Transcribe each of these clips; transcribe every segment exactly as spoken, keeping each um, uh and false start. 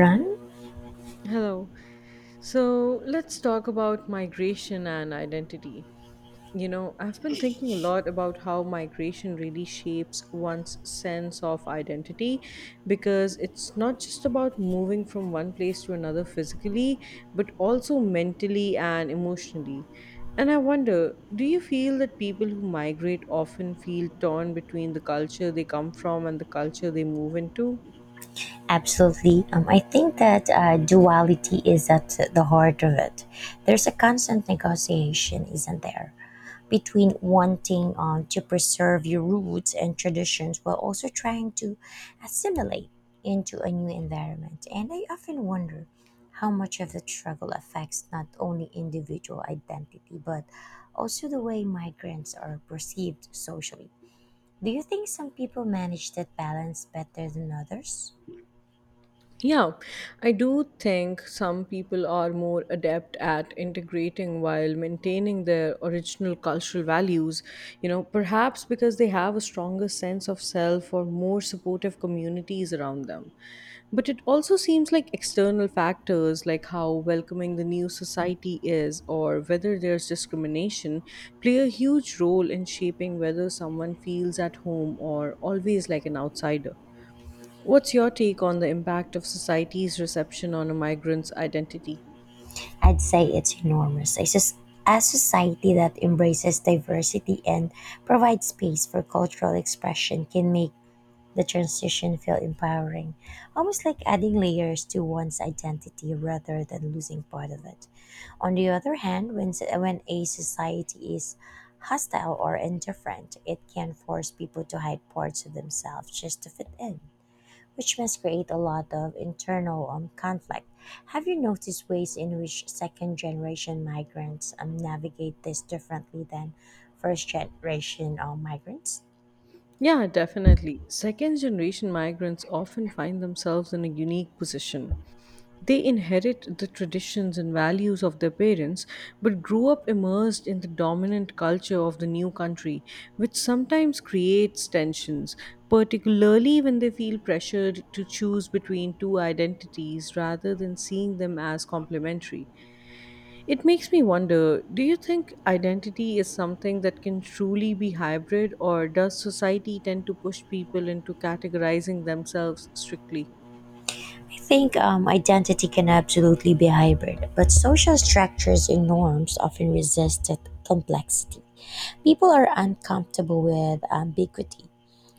Run? Hello. So let's talk about migration and identity. You know, I've been thinking a lot about how migration really shapes one's sense of identity because it's not just about moving from one place to another physically, but also mentally and emotionally. And I wonder, do you feel that people who migrate often feel torn between the culture they come from and the culture they move into? Absolutely. Um, I think that uh, duality is at the heart of it. There's a constant negotiation, isn't there, between wanting um, to preserve your roots and traditions while also trying to assimilate into a new environment. And I often wonder how much of the struggle affects not only individual identity but also the way migrants are perceived socially. Do you think some people manage that balance better than others? Yeah, I do think some people are more adept at integrating while maintaining their original cultural values, you know, perhaps because they have a stronger sense of self or more supportive communities around them. But it also seems like external factors, like how welcoming the new society is or whether there's discrimination, play a huge role in shaping whether someone feels at home or always like an outsider. What's your take on the impact of society's reception on a migrant's identity? I'd say it's enormous. A, soc- a society that embraces diversity and provides space for cultural expression can make the transition feel empowering, almost like adding layers to one's identity rather than losing part of it. On the other hand, when, s- when a society is hostile or indifferent, it can force people to hide parts of themselves just to fit in, which must create a lot of internal um, conflict. Have you noticed ways in which second generation migrants um, navigate this differently than first generation um, migrants? Yeah, definitely. Second generation migrants often find themselves in a unique position. They inherit the traditions and values of their parents, but grew up immersed in the dominant culture of the new country, which sometimes creates tensions, particularly when they feel pressured to choose between two identities rather than seeing them as complementary. It makes me wonder, do you think identity is something that can truly be hybrid, or does society tend to push people into categorizing themselves strictly? I think um, identity can absolutely be hybrid, but social structures and norms often resist that complexity. People are uncomfortable with ambiguity,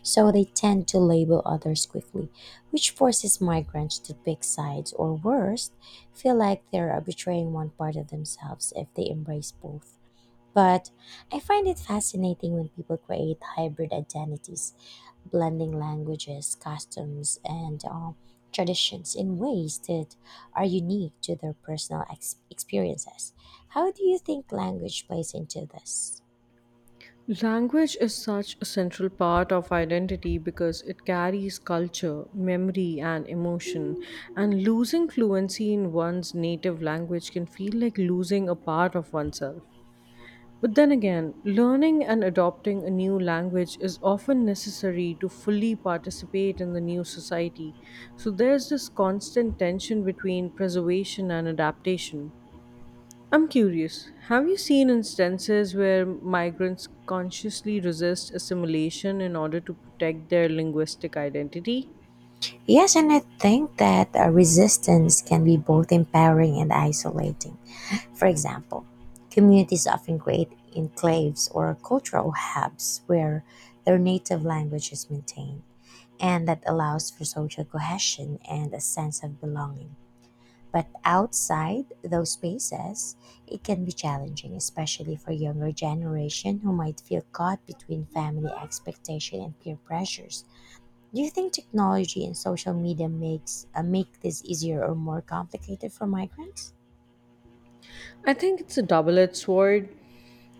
so they tend to label others quickly, which forces migrants to pick sides or, worse, feel like they're betraying one part of themselves if they embrace both. But I find it fascinating when people create hybrid identities, blending languages, customs, and um, traditions in ways that are unique to their personal ex- experiences. How do you think language plays into this? Language is such a central part of identity because it carries culture, memory, and emotion. And losing fluency in one's native language can feel like losing a part of oneself. But then again, learning and adopting a new language is often necessary to fully participate in the new society. So there's this constant tension between preservation and adaptation. I'm curious, have you seen instances where migrants consciously resist assimilation in order to protect their linguistic identity? Yes, and I think that uh, resistance can be both empowering and isolating. For example, communities often create enclaves or cultural hubs where their native language is maintained, and that allows for social cohesion and a sense of belonging. But outside those spaces, it can be challenging, especially for younger generation who might feel caught between family expectation and peer pressures. Do you think technology and social media makes uh, make this easier or more complicated for migrants? I think it's a double edged sword.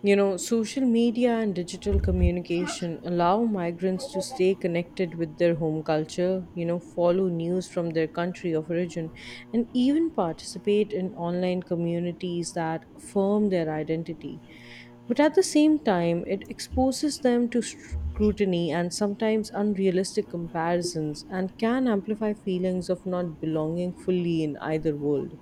You know, social media and digital communication allow migrants to stay connected with their home culture, you know, follow news from their country of origin, and even participate in online communities that affirm their identity. But at the same time, it exposes them to scrutiny and sometimes unrealistic comparisons and can amplify feelings of not belonging fully in either world.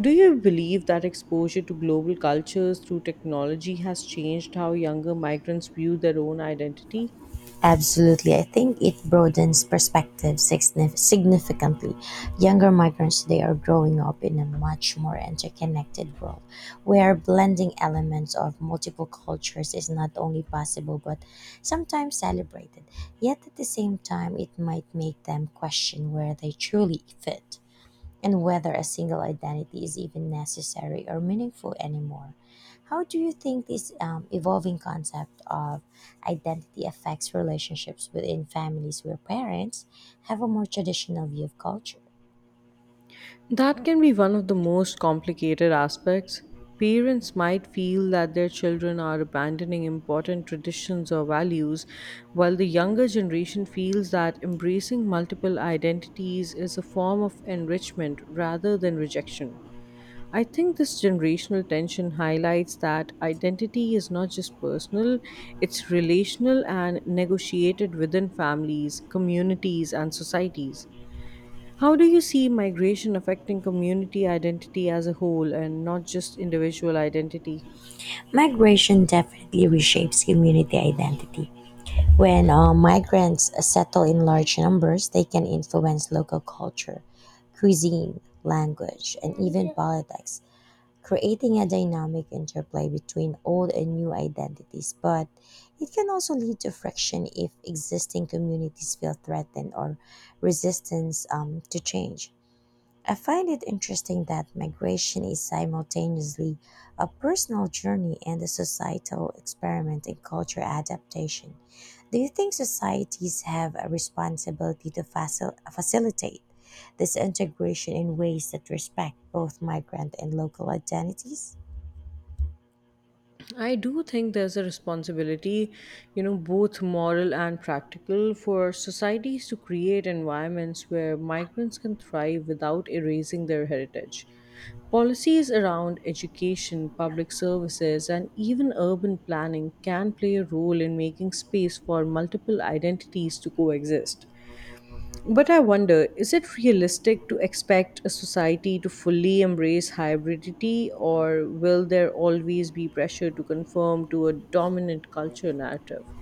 Do you believe that exposure to global cultures through technology has changed how younger migrants view their own identity? Absolutely. I think it broadens perspective signif- significantly. Younger migrants today are growing up in a much more interconnected world where blending elements of multiple cultures is not only possible but sometimes celebrated. Yet at the same time, it might make them question where they truly fit and whether a single identity is even necessary or meaningful anymore. How do you think this um, evolving concept of identity affects relationships within families where parents have a more traditional view of culture? That can be one of the most complicated aspects. Parents might feel that their children are abandoning important traditions or values, while the younger generation feels that embracing multiple identities is a form of enrichment rather than rejection. I think this generational tension highlights that identity is not just personal, it's relational and negotiated within families, communities, and societies. How do you see migration affecting community identity as a whole and not just individual identity? Migration definitely reshapes community identity. When uh, migrants settle in large numbers, they can influence local culture, cuisine, language, and even politics, creating a dynamic interplay between old and new identities, but it can also lead to friction if existing communities feel threatened or resistance um, to change. I find it interesting that migration is simultaneously a personal journey and a societal experiment in culture adaptation. Do you think societies have a responsibility to facil- facilitate this integration in ways that respect both migrant and local identities? I do think there's a responsibility, you know, both moral and practical, for societies to create environments where migrants can thrive without erasing their heritage. Policies around education, public services, and even urban planning can play a role in making space for multiple identities to coexist. But I wonder, is it realistic to expect a society to fully embrace hybridity, or will there always be pressure to conform to a dominant culture narrative?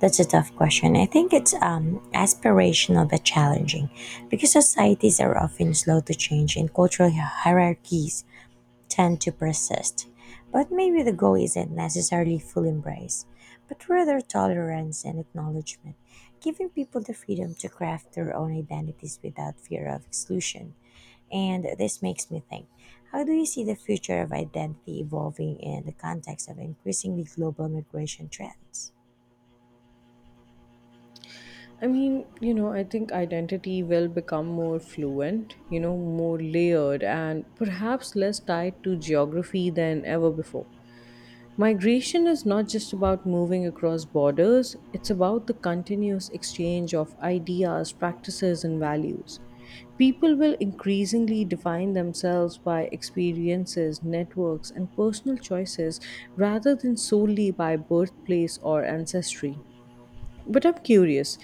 That's a tough question. I think it's um, aspirational but challenging because societies are often slow to change and cultural hierarchies tend to persist. But maybe the goal isn't necessarily full embrace, but rather tolerance and acknowledgement, giving people the freedom to craft their own identities without fear of exclusion. And this makes me think, how do you see the future of identity evolving in the context of increasingly global migration trends? I mean, you know, I think identity will become more fluent, you know, more layered, and perhaps less tied to geography than ever before. Migration is not just about moving across borders, it's about the continuous exchange of ideas, practices, and values. People will increasingly define themselves by experiences, networks, and personal choices rather than solely by birthplace or ancestry. But I'm curious,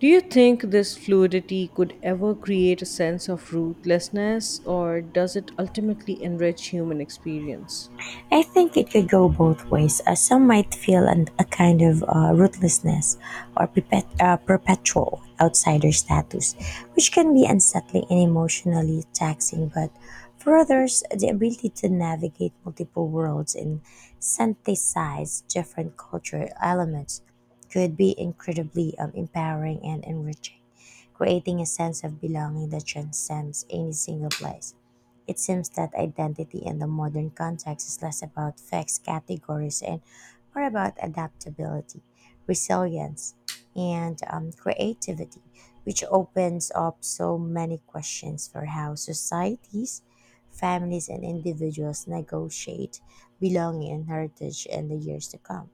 do you think this fluidity could ever create a sense of rootlessness, or does it ultimately enrich human experience? I think it could go both ways. Uh, some might feel an, a kind of uh, rootlessness or perpet- uh, perpetual outsider status, which can be unsettling and emotionally taxing. But for others, the ability to navigate multiple worlds and synthesize different cultural elements could be incredibly um, empowering and enriching, creating a sense of belonging that transcends any single place. It seems that identity in the modern context is less about fixed categories and more about adaptability, resilience, and um, creativity, which opens up so many questions for how societies, families, and individuals negotiate belonging and heritage in the years to come.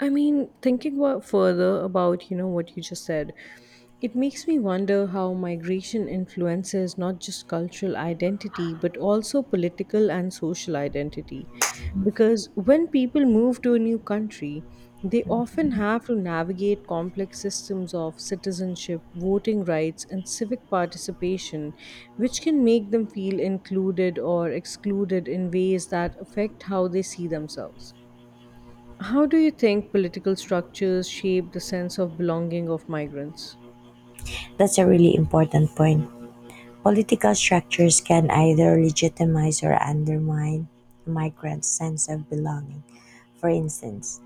I mean, thinking wa- further about, you know, what you just said, it makes me wonder how migration influences not just cultural identity but also political and social identity. Because when people move to a new country, they often have to navigate complex systems of citizenship, voting rights, and civic participation, which can make them feel included or excluded in ways that affect how they see themselves. How do you think political structures shape the sense of belonging of migrants? That's a really important point. Political structures can either legitimize or undermine migrant's sense of belonging. For instance,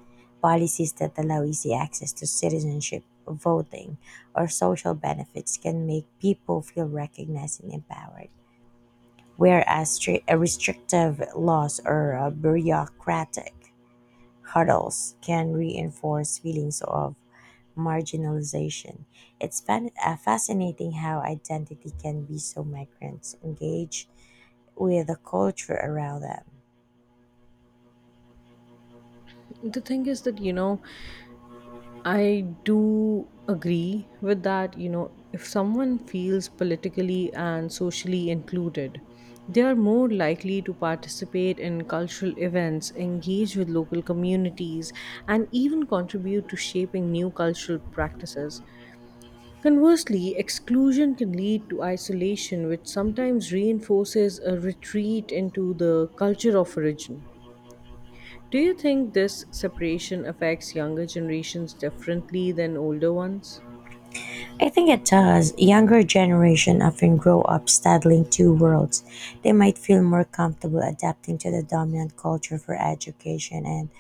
policies that allow easy access to citizenship, voting, or social benefits can make people feel recognized and empowered, whereas stri- uh, restrictive laws or uh, bureaucratic hurdles can reinforce feelings of marginalization. It's fan- uh, fascinating how identity can be so migrants engage with the culture around them. The thing is that, you know, I do agree with that. You know, if someone feels politically and socially included, they are more likely to participate in cultural events, engage with local communities, and even contribute to shaping new cultural practices. Conversely, exclusion can lead to isolation, which sometimes reinforces a retreat into the culture of origin. Do you think this separation affects younger generations differently than older ones? I think it does. Younger generation often grow up straddling two worlds. They might feel more comfortable adapting to the dominant culture for education and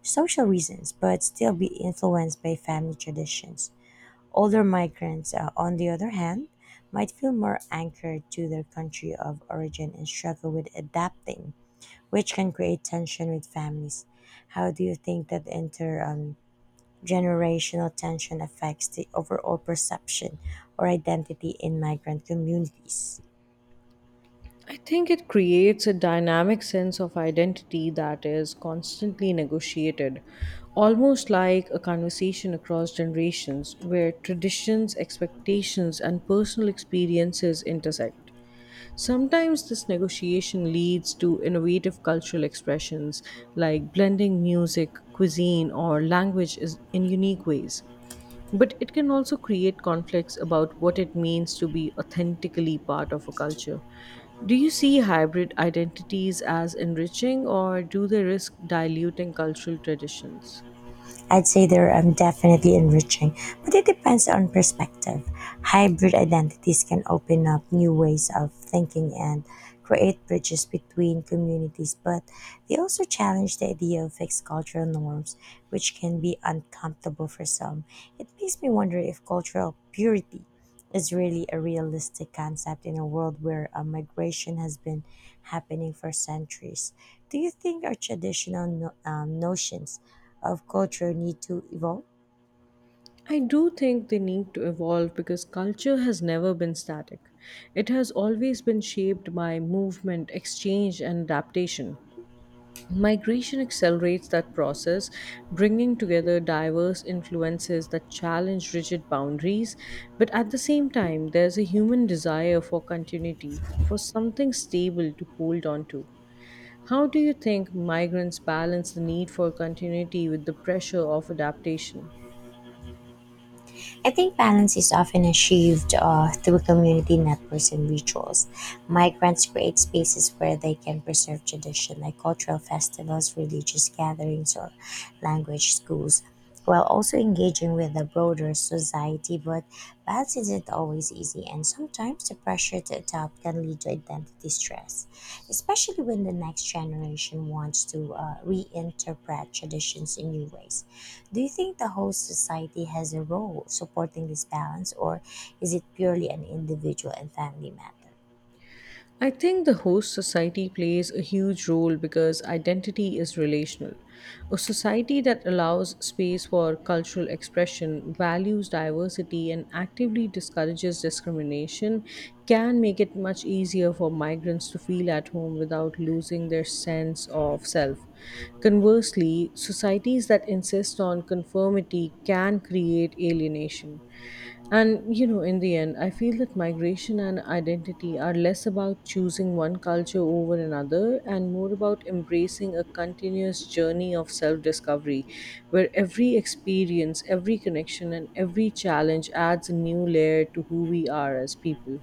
social reasons, but still be influenced by family traditions. Older migrants, uh, on the other hand, might feel more anchored to their country of origin and struggle with adapting, which can create tension with families. How do you think that inter um, generational tension affects the overall perception or identity in migrant communities? I think it creates a dynamic sense of identity that is constantly negotiated, almost like a conversation across generations where traditions, expectations, and personal experiences intersect. Sometimes this negotiation leads to innovative cultural expressions like blending music, cuisine, or language is- in unique ways. But it can also create conflicts about what it means to be authentically part of a culture. Do you see hybrid identities as enriching, or do they risk diluting cultural traditions? I'd say they're um, definitely enriching, but it depends on perspective. Hybrid identities can open up new ways of thinking and create bridges between communities, but they also challenge the idea of fixed cultural norms, which can be uncomfortable for some. It makes me wonder if cultural purity is really a realistic concept in a world where uh, migration has been happening for centuries. Do you think our traditional no- um, notions of culture need to evolve? I do think they need to evolve because culture has never been static. It has always been shaped by movement, exchange, and adaptation. Migration accelerates that process, bringing together diverse influences that challenge rigid boundaries. But at the same time, there's a human desire for continuity, for something stable to hold on to. How do you think migrants balance the need for continuity with the pressure of adaptation? I think balance is often achieved uh, through community networks and rituals. Migrants create spaces where they can preserve tradition, like cultural festivals, religious gatherings, or language schools, while also engaging with the broader society. But balance isn't always easy, and sometimes the pressure to adapt can lead to identity stress, especially when the next generation wants to uh, reinterpret traditions in new ways. Do you think the host society has a role supporting this balance, or is it purely an individual and family matter? I think the host society plays a huge role because identity is relational. A society that allows space for cultural expression, values diversity, and actively discourages discrimination can make it much easier for migrants to feel at home without losing their sense of self. Conversely, societies that insist on conformity can create alienation. And you know, in the end, I feel that migration and identity are less about choosing one culture over another and more about embracing a continuous journey of self discovery where every experience, every connection, and every challenge adds a new layer to who we are as people.